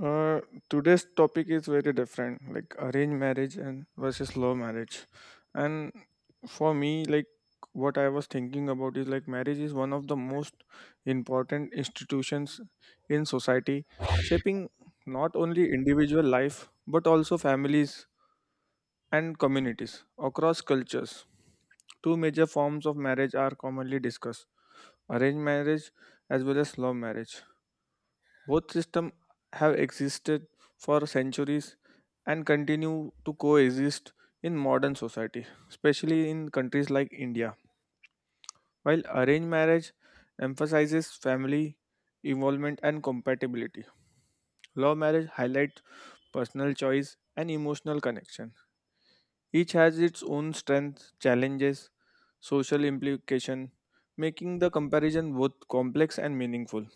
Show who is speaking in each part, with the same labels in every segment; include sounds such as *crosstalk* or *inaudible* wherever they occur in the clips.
Speaker 1: Uh, Today's topic is very different, like arranged marriage and versus love marriage. And for me, like what I was thinking about is like marriage is one of the most important institutions in society, shaping not only individual life but also families and communities across cultures. Two major forms of marriage are commonly discussed arranged marriage as well as love marriage. Both systems have existed for centuries and continue to coexist in modern society, especially in countries like India. While arranged marriage emphasizes family involvement and compatibility, love marriage highlights personal choice and emotional connection. Each has its own strengths, challenges, social implication, making the comparison both complex and meaningful.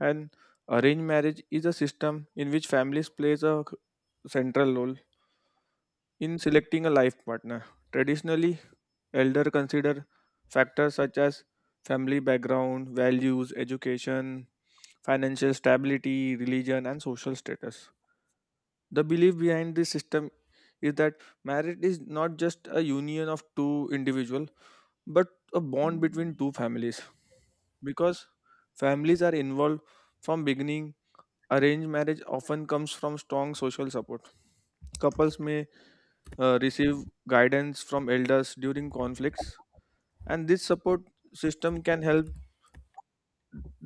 Speaker 1: And arranged marriage is a system in which families plays a central role in selecting a life partner. Traditionally, elder consider factors such as family background, values, education, financial stability, religion, and social status. The belief behind this system is that marriage is not just a union of two individuals, but a bond between two families. Because families are involved from beginning, arranged marriage often comes from strong social support. Couples may receive guidance from elders during conflicts, and this support system can help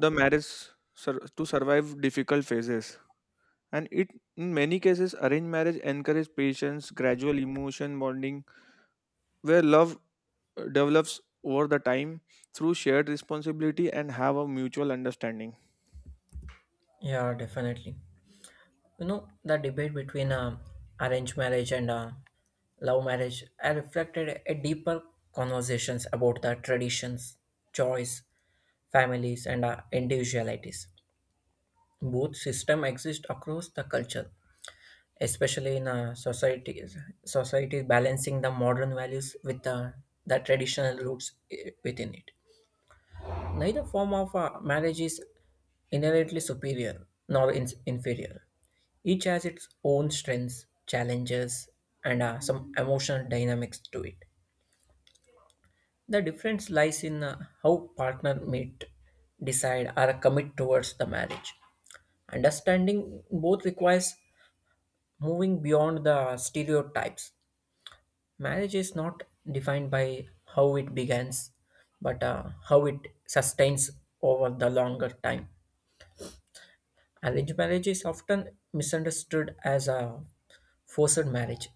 Speaker 1: the marriage to survive difficult phases. And it, in many cases, arranged marriage encourages patience, gradual emotion bonding, where love develops over the time through shared responsibility and have a mutual understanding.
Speaker 2: Yeah, definitely. The debate between arranged marriage and love marriage I reflected a deeper conversations about the traditions, choice, families, and individualities. Both system exist across the culture, especially in societies. Society balancing the modern values with the traditional roots within it. Neither form of marriage is inherently superior nor inferior. Each has its own strengths, challenges, and some emotional dynamics to it. The difference lies in how partner meet, decide, or commit towards the marriage. Understanding both requires moving beyond the stereotypes. Marriage is not defined by how it begins, but how it sustains over the longer time. Arranged marriage is often misunderstood as a forced marriage,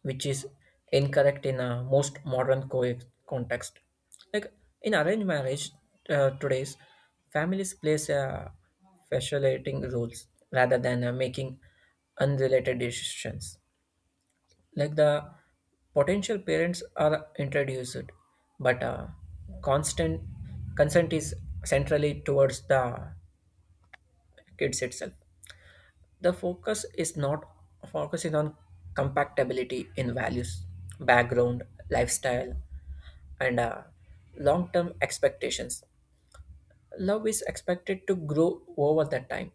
Speaker 2: which is incorrect in a most modern context. Like in arranged marriage, today's families plays a facilitating roles rather than making unrelated decisions. Like the potential parents are introduced, but constant consent is centrally towards the kids itself. The focus is not focusing on compatibility in values, background, lifestyle, and long term expectations. Love is expected to grow over the time.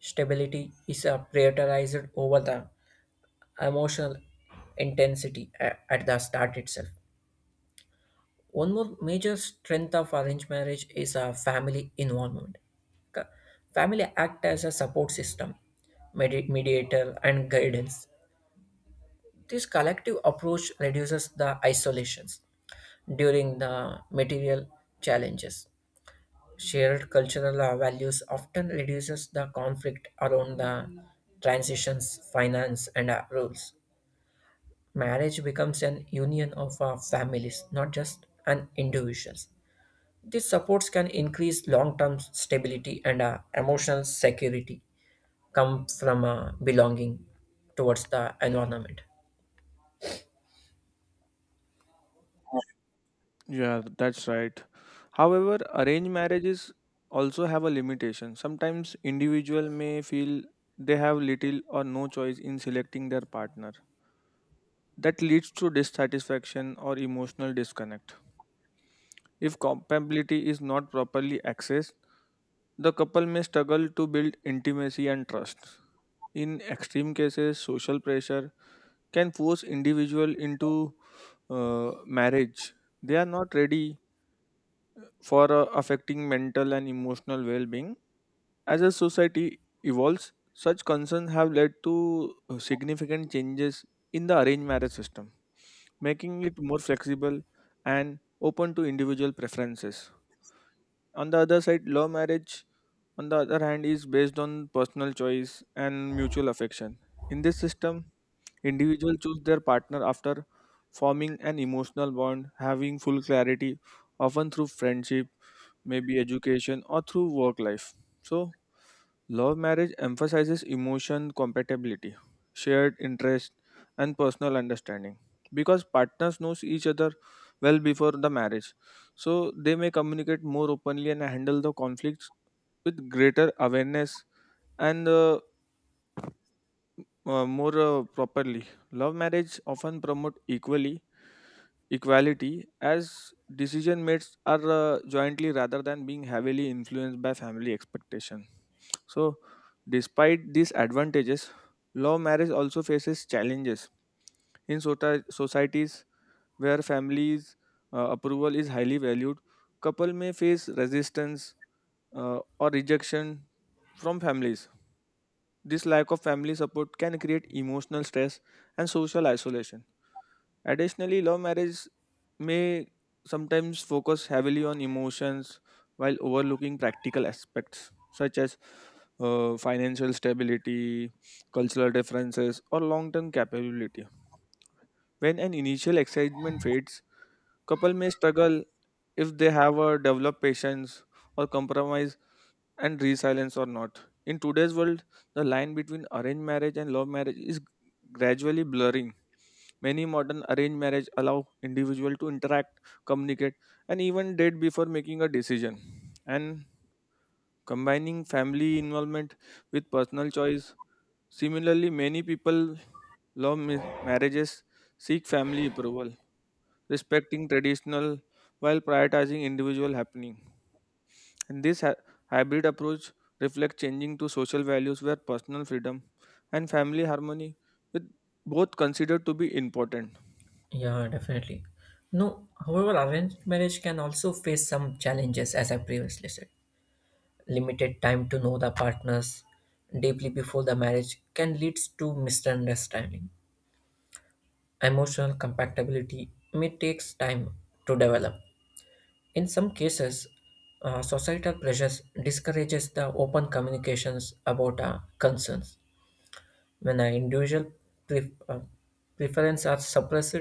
Speaker 2: Stability is prioritized over the emotional intensity at the start itself. One more major strength of arranged marriage is a family involvement. Ca- Family act as a support system, mediator, and guidance. This collective approach reduces the isolations during the material challenges. Shared cultural values often reduces the conflict around the transitions, finance, and rules. Marriage becomes an union of families, not just an individuals. These supports can increase long-term stability and emotional security. Come from belonging towards the environment.
Speaker 1: Yeah, that's right. However, arranged marriages also have a limitation. Sometimes individual may feel they have little or no choice in selecting their partner. That leads to dissatisfaction or emotional disconnect. If compatibility is not properly accessed, the couple may struggle to build intimacy and trust. In extreme cases, social pressure can force individual into marriage they are not ready for, affecting mental and emotional well-being. As a society evolves, such concerns have led to significant changes in the arranged marriage system, making it more flexible and open to individual preferences. On the other side, love marriage, on the other hand, is based on personal choice and mutual affection. In this system, individuals choose their partner after forming an emotional bond, having full clarity, often through friendship, maybe education, or through work life. So, love marriage emphasizes emotion compatibility, shared interest, and personal understanding because partners knows each other well before the marriage so they may communicate more openly and handle the conflicts with greater awareness and more properly. Love marriage often promote equally equality as decision mates are jointly rather than being heavily influenced by family expectations. So, despite these advantages, law marriage also faces challenges in societies where families' approval is highly valued. Couple may face resistance or rejection from families. This lack of family support can create emotional stress and social isolation. Additionally, love marriage may sometimes focus heavily on emotions while overlooking practical aspects such as financial stability, cultural differences, or long term capability. When an initial excitement fades, couple may struggle if they have a developed patience or compromise and resilience or not. In today's world, the line between arranged marriage and love marriage is gradually blurring. Many modern arranged marriage allow individual to interact, communicate, and even date before making a decision, and combining family involvement with personal choice. Similarly, many people marriages seek family approval, respecting traditional while prioritizing individual happening. And this hybrid approach reflects changing to social values where personal freedom and family harmony with both considered to be important.
Speaker 2: Yeah, definitely. No, however, arranged marriage can also face some challenges, as I previously said. Limited time to know the partners deeply before the marriage can lead to misunderstanding. Emotional compatibility may take time to develop. In some cases, societal pressures discourages the open communications about our concerns. When our individual pref- uh, preferences are suppressed,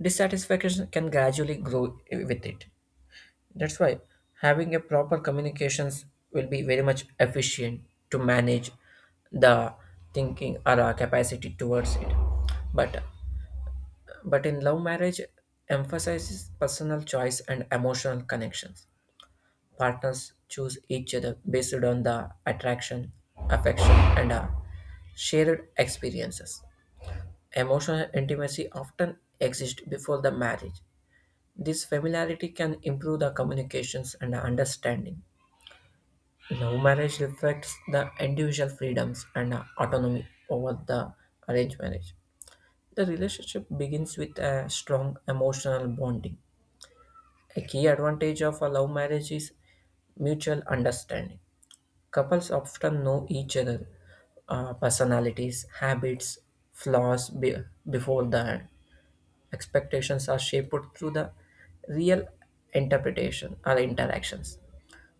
Speaker 2: dissatisfaction can gradually grow with it. That's why having a proper communications will be very much efficient to manage the thinking or our capacity towards it. But but in love marriage emphasizes personal choice and emotional connections. Partners choose each other based on the attraction, affection, and shared experiences. Emotional intimacy often exists before the marriage. This familiarity can improve the communications and the understanding. Now, marriage reflects the individual freedoms and autonomy over the arranged marriage. The relationship begins with a strong emotional bonding. A key advantage of a love marriage is mutual understanding. Couples often know each other, personalities, habits, flaws be- before the. Expectations are shaped through the real interpretation or interactions.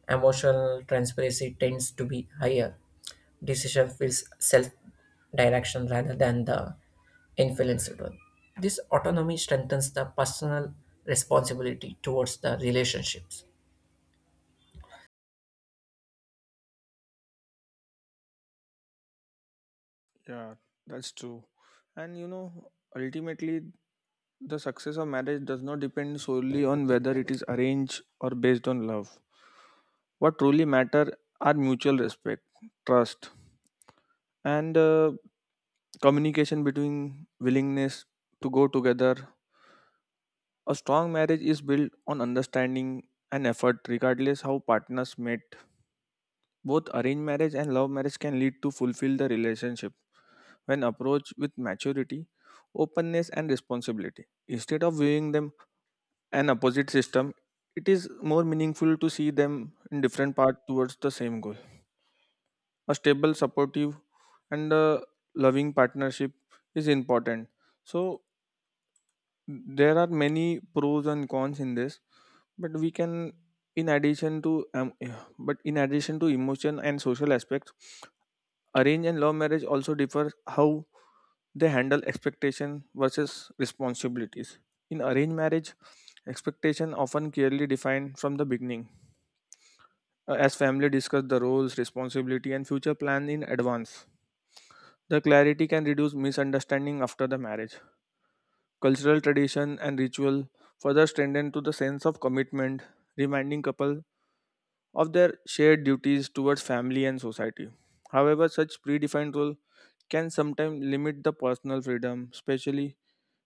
Speaker 2: Emotional transparency tends to be higher. Decision feels self direction rather than the influenced one. This autonomy strengthens the personal responsibility towards the relationships.
Speaker 1: Yeah, that's true. And you know, ultimately the success of marriage does not depend solely on whether it is arranged or based on love. What truly matter are mutual respect, trust, and communication between willingness to go together. A strong marriage is built on understanding and effort, regardless how partners met. Both arranged marriage and love marriage can lead to fulfill the relationship when approached with maturity, openness, and responsibility. Instead of viewing them an opposite system, it is more meaningful to see them in different paths towards the same goal. A stable, supportive, and a loving partnership is important. So, there are many pros and cons in this, but we can in addition to *sighs* but in addition to emotion and social aspects, arrange and love marriage also differ how they handle expectation versus responsibilities. In arranged marriage, expectation often clearly defined from the beginning, as family discuss the roles responsibility and future plan in advance. The clarity can reduce misunderstanding after the marriage. Cultural tradition and ritual further strengthen to the sense of commitment, reminding couple of their shared duties towards family and society. However, such predefined role can sometimes limit the personal freedom, especially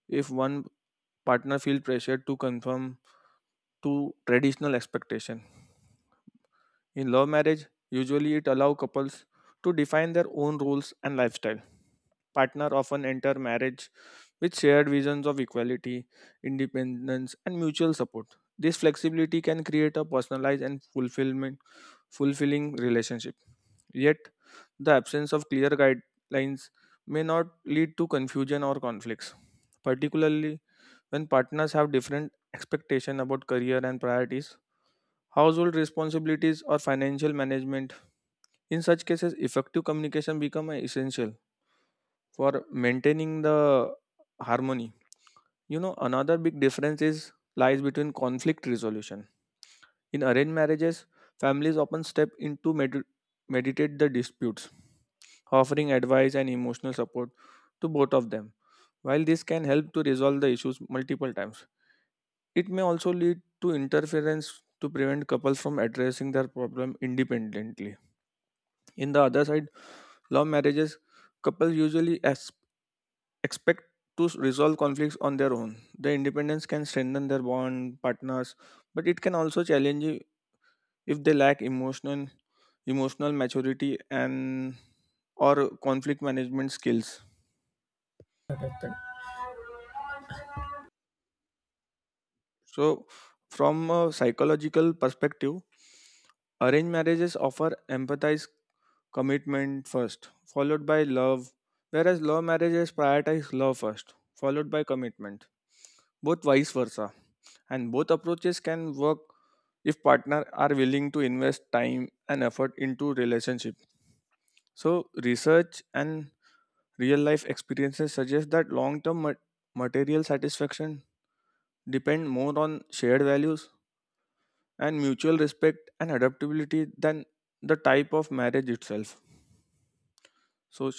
Speaker 1: if one partner feels pressured to conform to traditional expectation. In love marriage, usually it allows couples to define their own rules and lifestyle. Partner often enter marriage with shared visions of equality, independence, and mutual support. This flexibility can create a personalized and fulfillment fulfilling relationship. Yet the absence of clear guidelines may not lead to confusion or conflicts, particularly when partners have different expectations about career and priorities, household responsibilities or financial management. In such cases, effective communication become essential for maintaining the harmony. You know, another big difference is lies between conflict resolution. In arranged marriages, families often step in to mediate the disputes, offering advice and emotional support to both of them. While this can help to resolve the issues multiple times, it may also lead to interference to prevent couples from addressing their problem independently. In the other side, love marriages, couples usually expect to resolve conflicts on their own. The independence can strengthen their bond partners, but it can also challenge you if they lack emotional maturity and or conflict management skills. So, from a psychological perspective, arranged marriages offer empathize commitment first, followed by love, whereas love marriages prioritize love first, followed by commitment. Both vice versa, and both approaches can work if partners are willing to invest time and effort into relationship. So research and real life experiences suggest that long term material satisfaction depend more on shared values and mutual respect and adaptability than the type of marriage itself. So,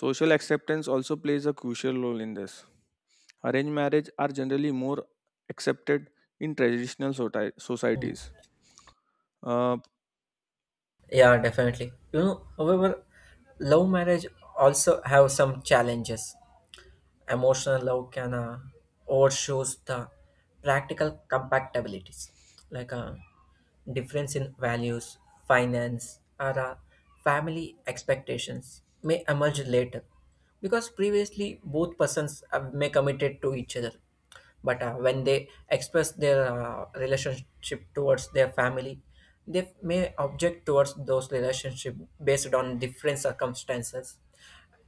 Speaker 1: social acceptance also plays a crucial role in this. Arranged marriage are generally more accepted in traditional societies. Uh,
Speaker 2: Yeah, definitely. However, love marriage also have some challenges. Emotional love can overshoes the practical compatibilities like a difference in values, finance, or family expectations may emerge later, because previously both persons may committed to each other, but when they express their relationship towards their family, they may object towards those relationship based on different circumstances.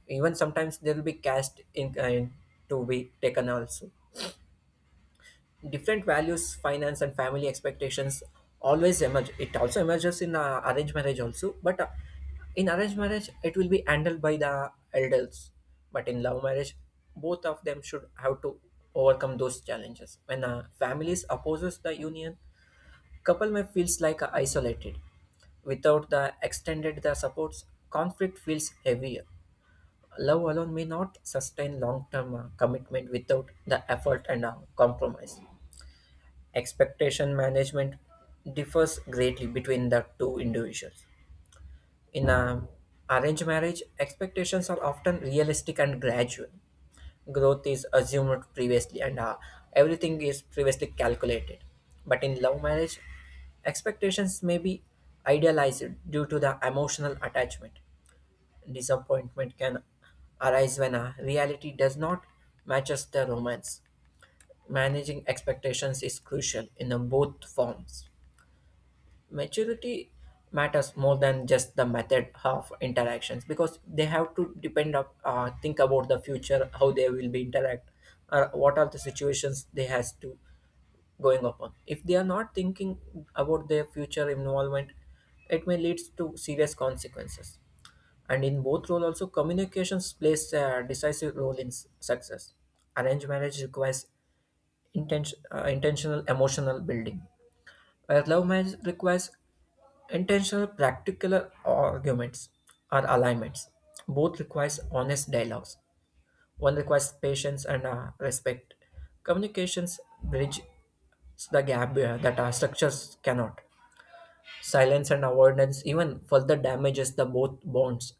Speaker 2: Even sometimes there will be cast in kind to be taken also. Different values, finance, and family expectations always emerge. It also emerges in arranged marriage also, but in arranged marriage it will be handled by the elders, but in love marriage both of them should have to overcome those challenges. When families opposes the union, couple may feels like isolated. Without the extended the supports, conflict feels heavier. Love alone may not sustain long term commitment without the effort and compromise. Expectation management differs greatly between the two individuals. In a arranged marriage, expectations are often realistic and gradual. Growth is assumed previously and everything is previously calculated. But in love marriage, expectations may be idealized due to the emotional attachment. Disappointment can arise when a reality does not matches the romance. Managing expectations is crucial in the both forms. Maturity matters more than just the method of interactions, because they have to depend think about the future, how they will be interact, or what are the situations they has to going upon. If they are not thinking about their future involvement, it may lead to serious consequences. And in both roles, also communications plays a decisive role in success. Arranged marriage requires intentional emotional building, where love marriage requires intentional practical arguments or alignments. Both requires honest dialogues. One requires patience and respect. Communications bridge the gap that our structures cannot. Silence and avoidance even further damages the both bonds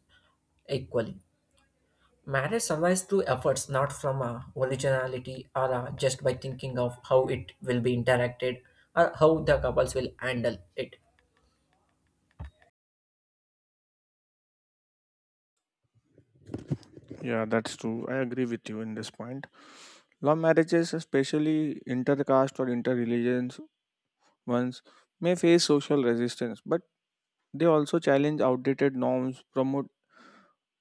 Speaker 2: equally. Marriage survives through efforts, not from a originality or just by thinking of how it will be interacted, or how the couples will handle it.
Speaker 1: Yeah, that's true. I agree with you in this point. Love marriages, especially intercaste or interreligious ones, may face social resistance, but they also challenge outdated norms, promote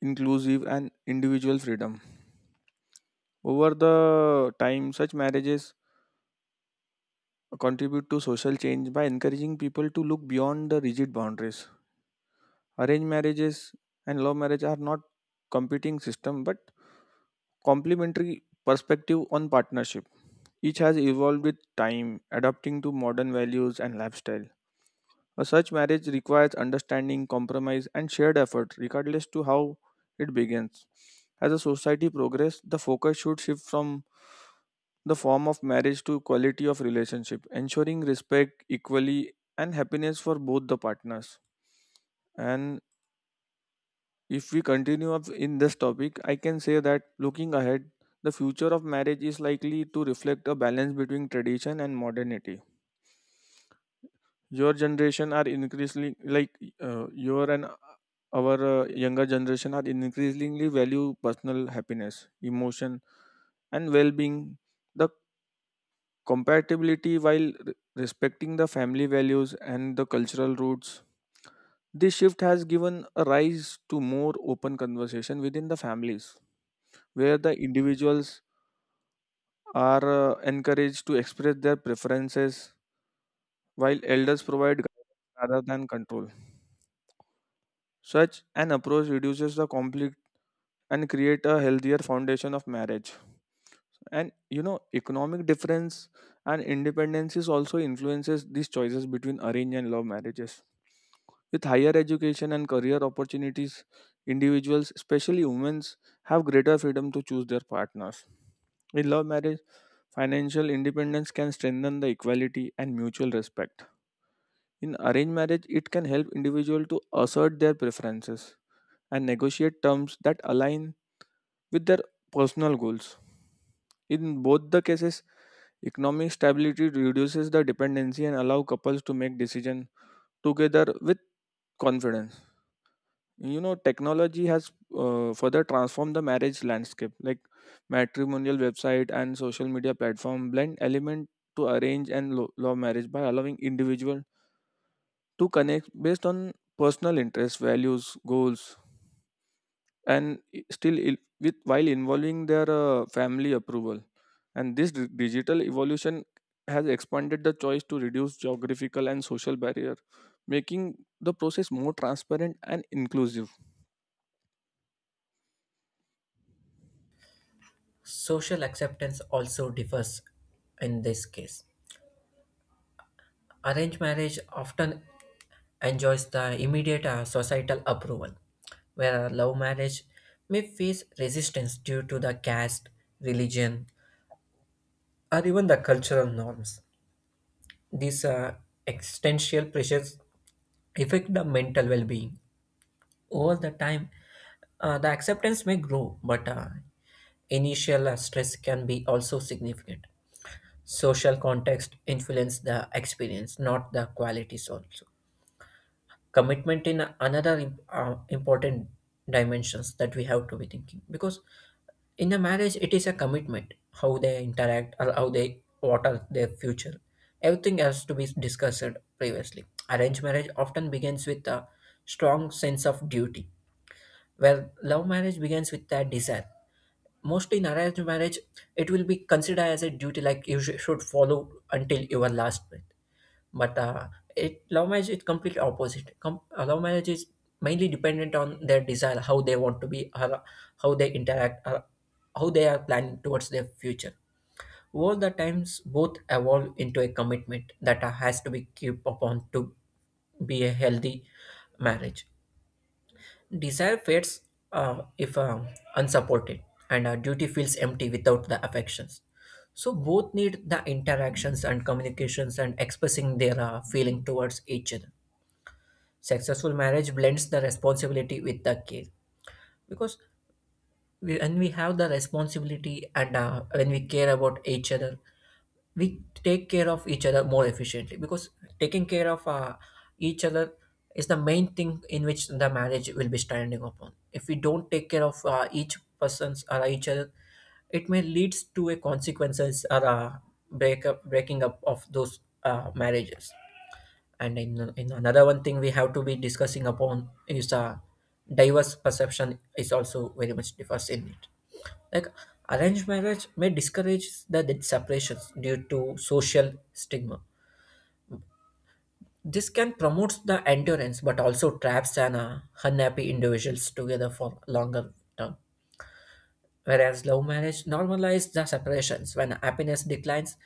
Speaker 1: inclusive and individual freedom. Over the time, such marriages contribute to social change by encouraging people to look beyond the rigid boundaries. Arranged marriages and love marriage are not competing system but complementary perspective on partnership. Each has evolved with time, adapting to modern values and lifestyle. A such marriage requires understanding, compromise, and shared effort, regardless to how it begins. As a society progress, the focus should shift from the form of marriage to quality of relationship, ensuring respect, equality, and happiness for both the partners. And if we continue up in this topic, I can say that looking ahead, the future of marriage is likely to reflect a balance between tradition and modernity. Your generation are increasingly like your and our Younger generation are increasingly value personal happiness, emotion, and well-being. The compatibility while respecting the family values and the cultural roots. This shift has given a rise to more open conversation within the families where the individuals are encouraged to express their preferences while elders provide guidance rather than control. Such an approach reduces the conflict and create a healthier foundation of marriage. And you know, economic difference and independence is also influences these choices between arranged and love marriages. With higher education and career opportunities, individuals, especially women, have greater freedom to choose their partners. In love marriage, financial independence can strengthen the equality and mutual respect. In arranged marriage, it can help individuals to assert their preferences and negotiate terms that align with their personal goals. In both the cases, economic stability reduces the dependency and allow couples to make decisions together with confidence. You know, technology has further transformed the marriage landscape, like matrimonial website and social media platform blend element to arrange and love marriage by allowing individual to connect based on personal interests values goals and with while involving their family approval. And this digital evolution has expanded the choice to reduce geographical and social barrier, making the process more transparent and inclusive.
Speaker 2: Social acceptance also differs in this case. Arranged marriage often enjoys the immediate societal approval, where a love marriage may face resistance due to the caste, religion, or even the cultural norms. These existential pressures affect the mental well-being over the time. The acceptance may grow, but initial stress can be also significant. Social context influence the experience, not the qualities. Also commitment in another important dimensions that we have to be thinking, because in a marriage it is a commitment. How they interact, or how they, what are their future, everything has to be discussed previously. Arranged marriage often begins with a strong sense of duty, where love marriage begins with that desire. Mostly in arranged marriage, it will be considered as a duty like you should follow until your last breath. But it love marriage is completely opposite. Love marriage is mainly dependent on their desire, how they want to be, or how they interact, or how they are planning towards their future. Over the times, both evolve into a commitment that has to be kept upon to be a healthy marriage. Desire fades if unsupported, and duty feels empty without the affections. So both need the interactions and communications and expressing their feeling towards each other. Successful marriage blends the responsibility with the care, because when we have the responsibility and when we care about each other, we take care of each other more efficiently, because taking care of each other is the main thing in which the marriage will be standing upon. If we don't take care of each person's or each other, it may leads to a consequences or a breakup breaking up of those marriages. And in another one thing we have to be discussing upon is diverse perception is also very much differs in it, like arranged marriage may discourage the separations due to social stigma. This can promote the endurance but also traps an unhappy individuals together for longer term, whereas love marriage normalizes the separations when happiness declines.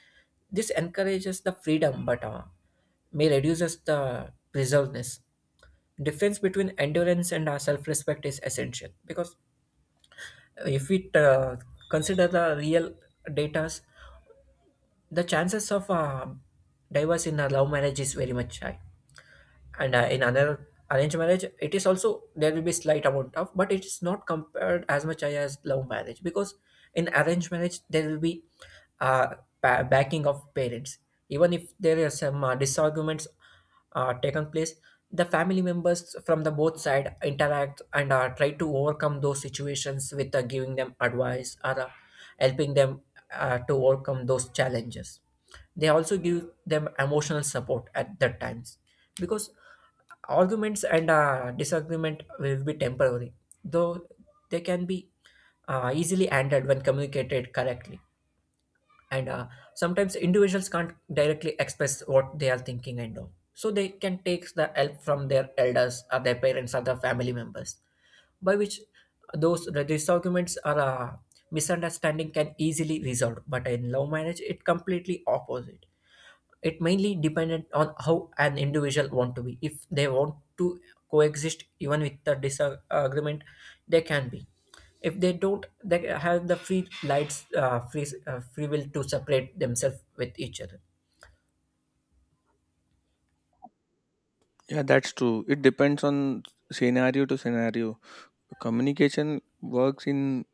Speaker 2: This encourages the freedom, but may reduces the preservedness. Difference between endurance and our self-respect is essential, because if we consider the real datas, the chances of divorce in a love marriage is very much high. And in another arranged marriage it is also, there will be slight amount of, but it is not compared as much as love marriage, because in arranged marriage there will be uh, backing of parents. Even if there are some disagreements taken place, the family members from the both side interact and try to overcome those situations with giving them advice, or helping them to overcome those challenges. They also give them emotional support at that times, because arguments and disagreement will be temporary, though they can be easily handled when communicated correctly. And sometimes individuals can't directly express what they are thinking and all. So they can take the help from their elders or their parents or their family members, by which those disagreements or misunderstanding can easily resolved. But in love marriage, it completely opposite. It mainly depended on how an individual want to be. If they want to coexist even with the disagreement, they can be. If they don't, they have the free lights, free will to separate themselves with each other.
Speaker 1: Yeah, that's true. It depends on scenario to scenario. Communication works in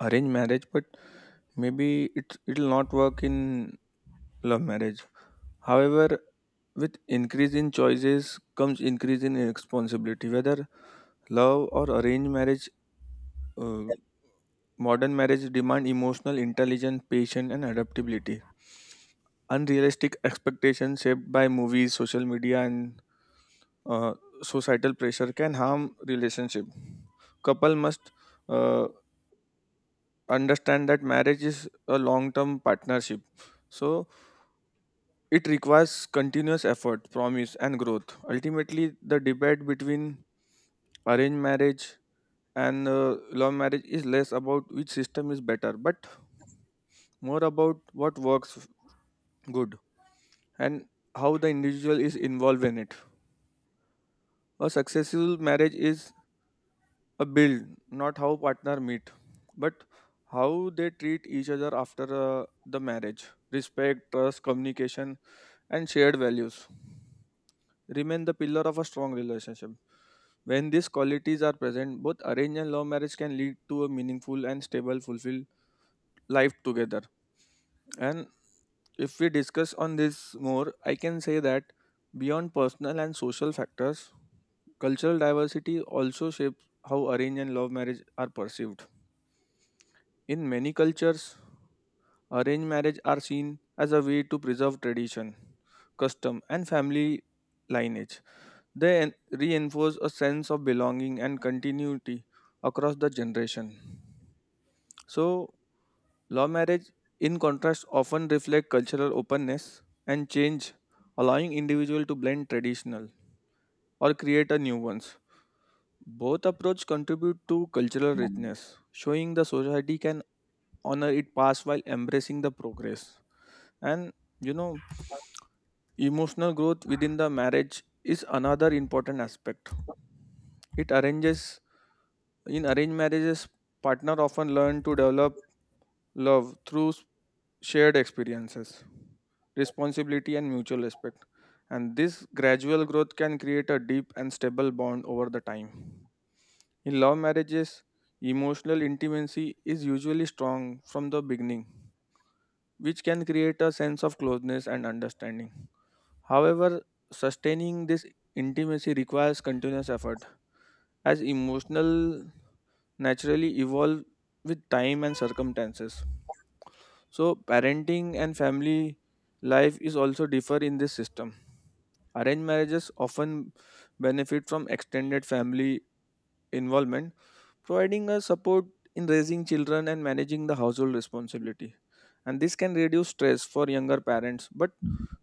Speaker 1: arranged marriage, but maybe it'll not work in love marriage. However, with increase in choices comes increase in responsibility. Whether love or arranged marriage, uh, modern marriage demand emotional intelligence, patience, and adaptability. Unrealistic expectations shaped by movies, social media, and uh, societal pressure can harm relationship. Couple must uh, understand that marriage is a long term partnership, so it requires continuous effort, promise and growth. Ultimately, the debate between arranged marriage and love marriage is less about which system is better, but more about what works good, and how the individual is involved in it. A successful marriage is a build, not how partner meet, but how they treat each other after the marriage. Respect, trust, communication, and shared values remain the pillar of a strong relationship. When these qualities are present, both arranged and love marriage can lead to a meaningful and stable fulfilled life together. And if we discuss on this more, I can say that beyond personal and social factors, cultural diversity also shapes how arranged and love marriage are perceived. In many cultures, arranged marriage are seen as a way to preserve tradition, custom, and family lineage. They reinforce a sense of belonging and continuity across the generation. So, law marriage, in contrast, often reflect cultural openness and change, allowing individual to blend traditional or create a new ones. Both approach contribute to cultural richness, showing the society can honor it past while embracing the progress. And you know, emotional growth within the marriage is another important aspect. It arranges In arranged marriages, partner often learn to develop love through shared experiences, responsibility, and mutual respect. And this gradual growth can create a deep and stable bond over the time. In love marriages, emotional intimacy is usually strong from the beginning, which can create a sense of closeness and understanding. However, sustaining this intimacy requires continuous effort, as emotional naturally evolve with time and circumstances. So, parenting and family life is also differ in this system. Arranged marriages often benefit from extended family involvement, providing a support in raising children and managing the household responsibility. And this can reduce stress for younger parents, but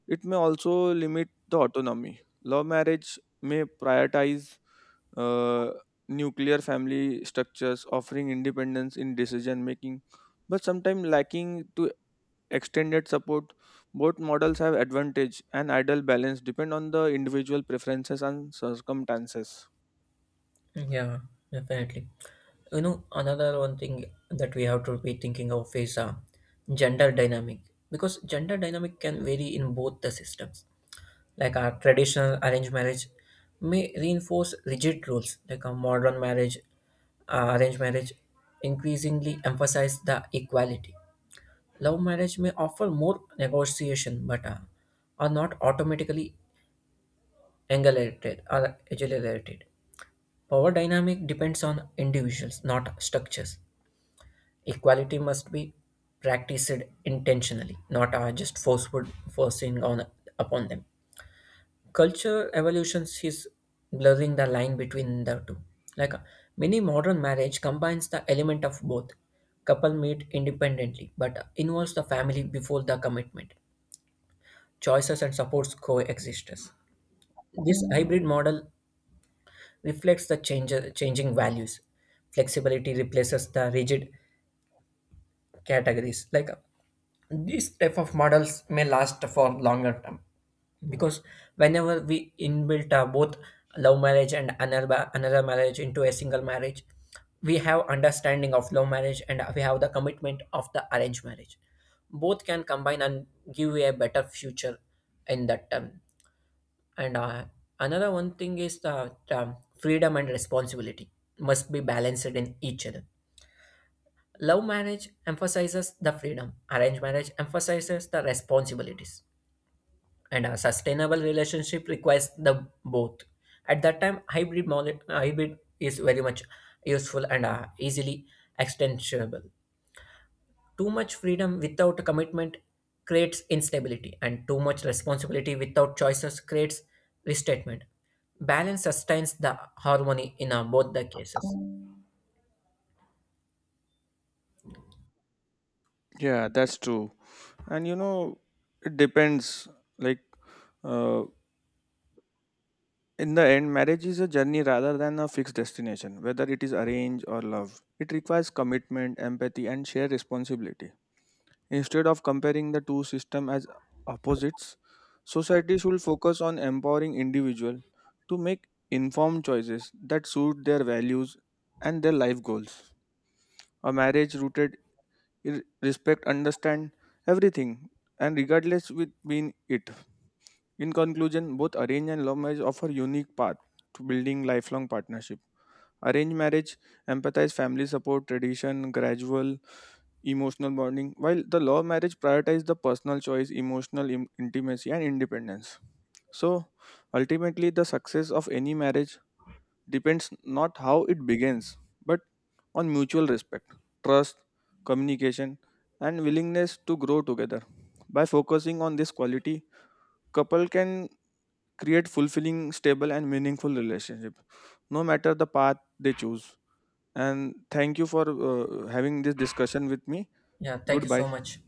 Speaker 1: it may also limit the autonomy. Love marriage may prioritize uh, nuclear family structures, offering independence in decision making, but sometimes lacking to extended support. Both models have advantage and ideal balance depend on the individual preferences and circumstances.
Speaker 2: Yeah, definitely. Another one thing that we have to be thinking of is gender dynamic, because gender dynamic can vary in both the systems, like our traditional arranged marriage may reinforce rigid rules. Like a modern marriage, arranged marriage increasingly emphasize the equality. Love marriage may offer more negotiation, but are not automatically angulated or agilerated. Power dynamic depends on individuals, not structures. Equality must be practiced intentionally, not just forceful forcing on upon them. Culture evolutions is blurring the line between the two. Like many modern marriage combines the element of both. Couple meet independently, but involves the family before the commitment. Choices and supports coexistence. This hybrid model reflects changing values. Flexibility replaces the rigid categories. These type of models may last for longer term, because whenever we inbuilt both love marriage and another marriage into a single marriage, we have understanding of love marriage and we have the commitment of the arranged marriage. Both can combine and give you a better future in that term. And another one thing is the freedom and responsibility must be balanced in each other. Love marriage emphasizes the freedom, arranged marriage emphasizes the responsibilities, and a sustainable relationship requires the both. At that time, hybrid is very much useful and easily extensionable. Too much freedom without commitment creates instability, and too much responsibility without choices creates restatement. Balance sustains the harmony in both the cases.
Speaker 1: Yeah, that's true. And it depends, like, uh, in the end marriage is a journey rather than a fixed destination. Whether it is arranged or love, it requires commitment, empathy and shared responsibility. Instead of comparing the two systems as opposites, society should focus on empowering individual to make informed choices that suit their values and their life goals. A marriage rooted in respect understand everything, and regardless with being it. In conclusion, both arranged and love marriage offer unique path to building lifelong partnership. Arranged marriage empathize family support, tradition, gradual emotional bonding, while the love marriage prioritize the personal choice, intimacy, and independence. So, ultimately, the success of any marriage depends not how it begins, but on mutual respect, trust, communication, and willingness to grow together. By focusing on this quality, couple can create fulfilling, stable, and meaningful relationship, no matter the path they choose. And thank you for having this discussion with me.
Speaker 2: Yeah, thank you
Speaker 1: Goodbye.
Speaker 2: so much.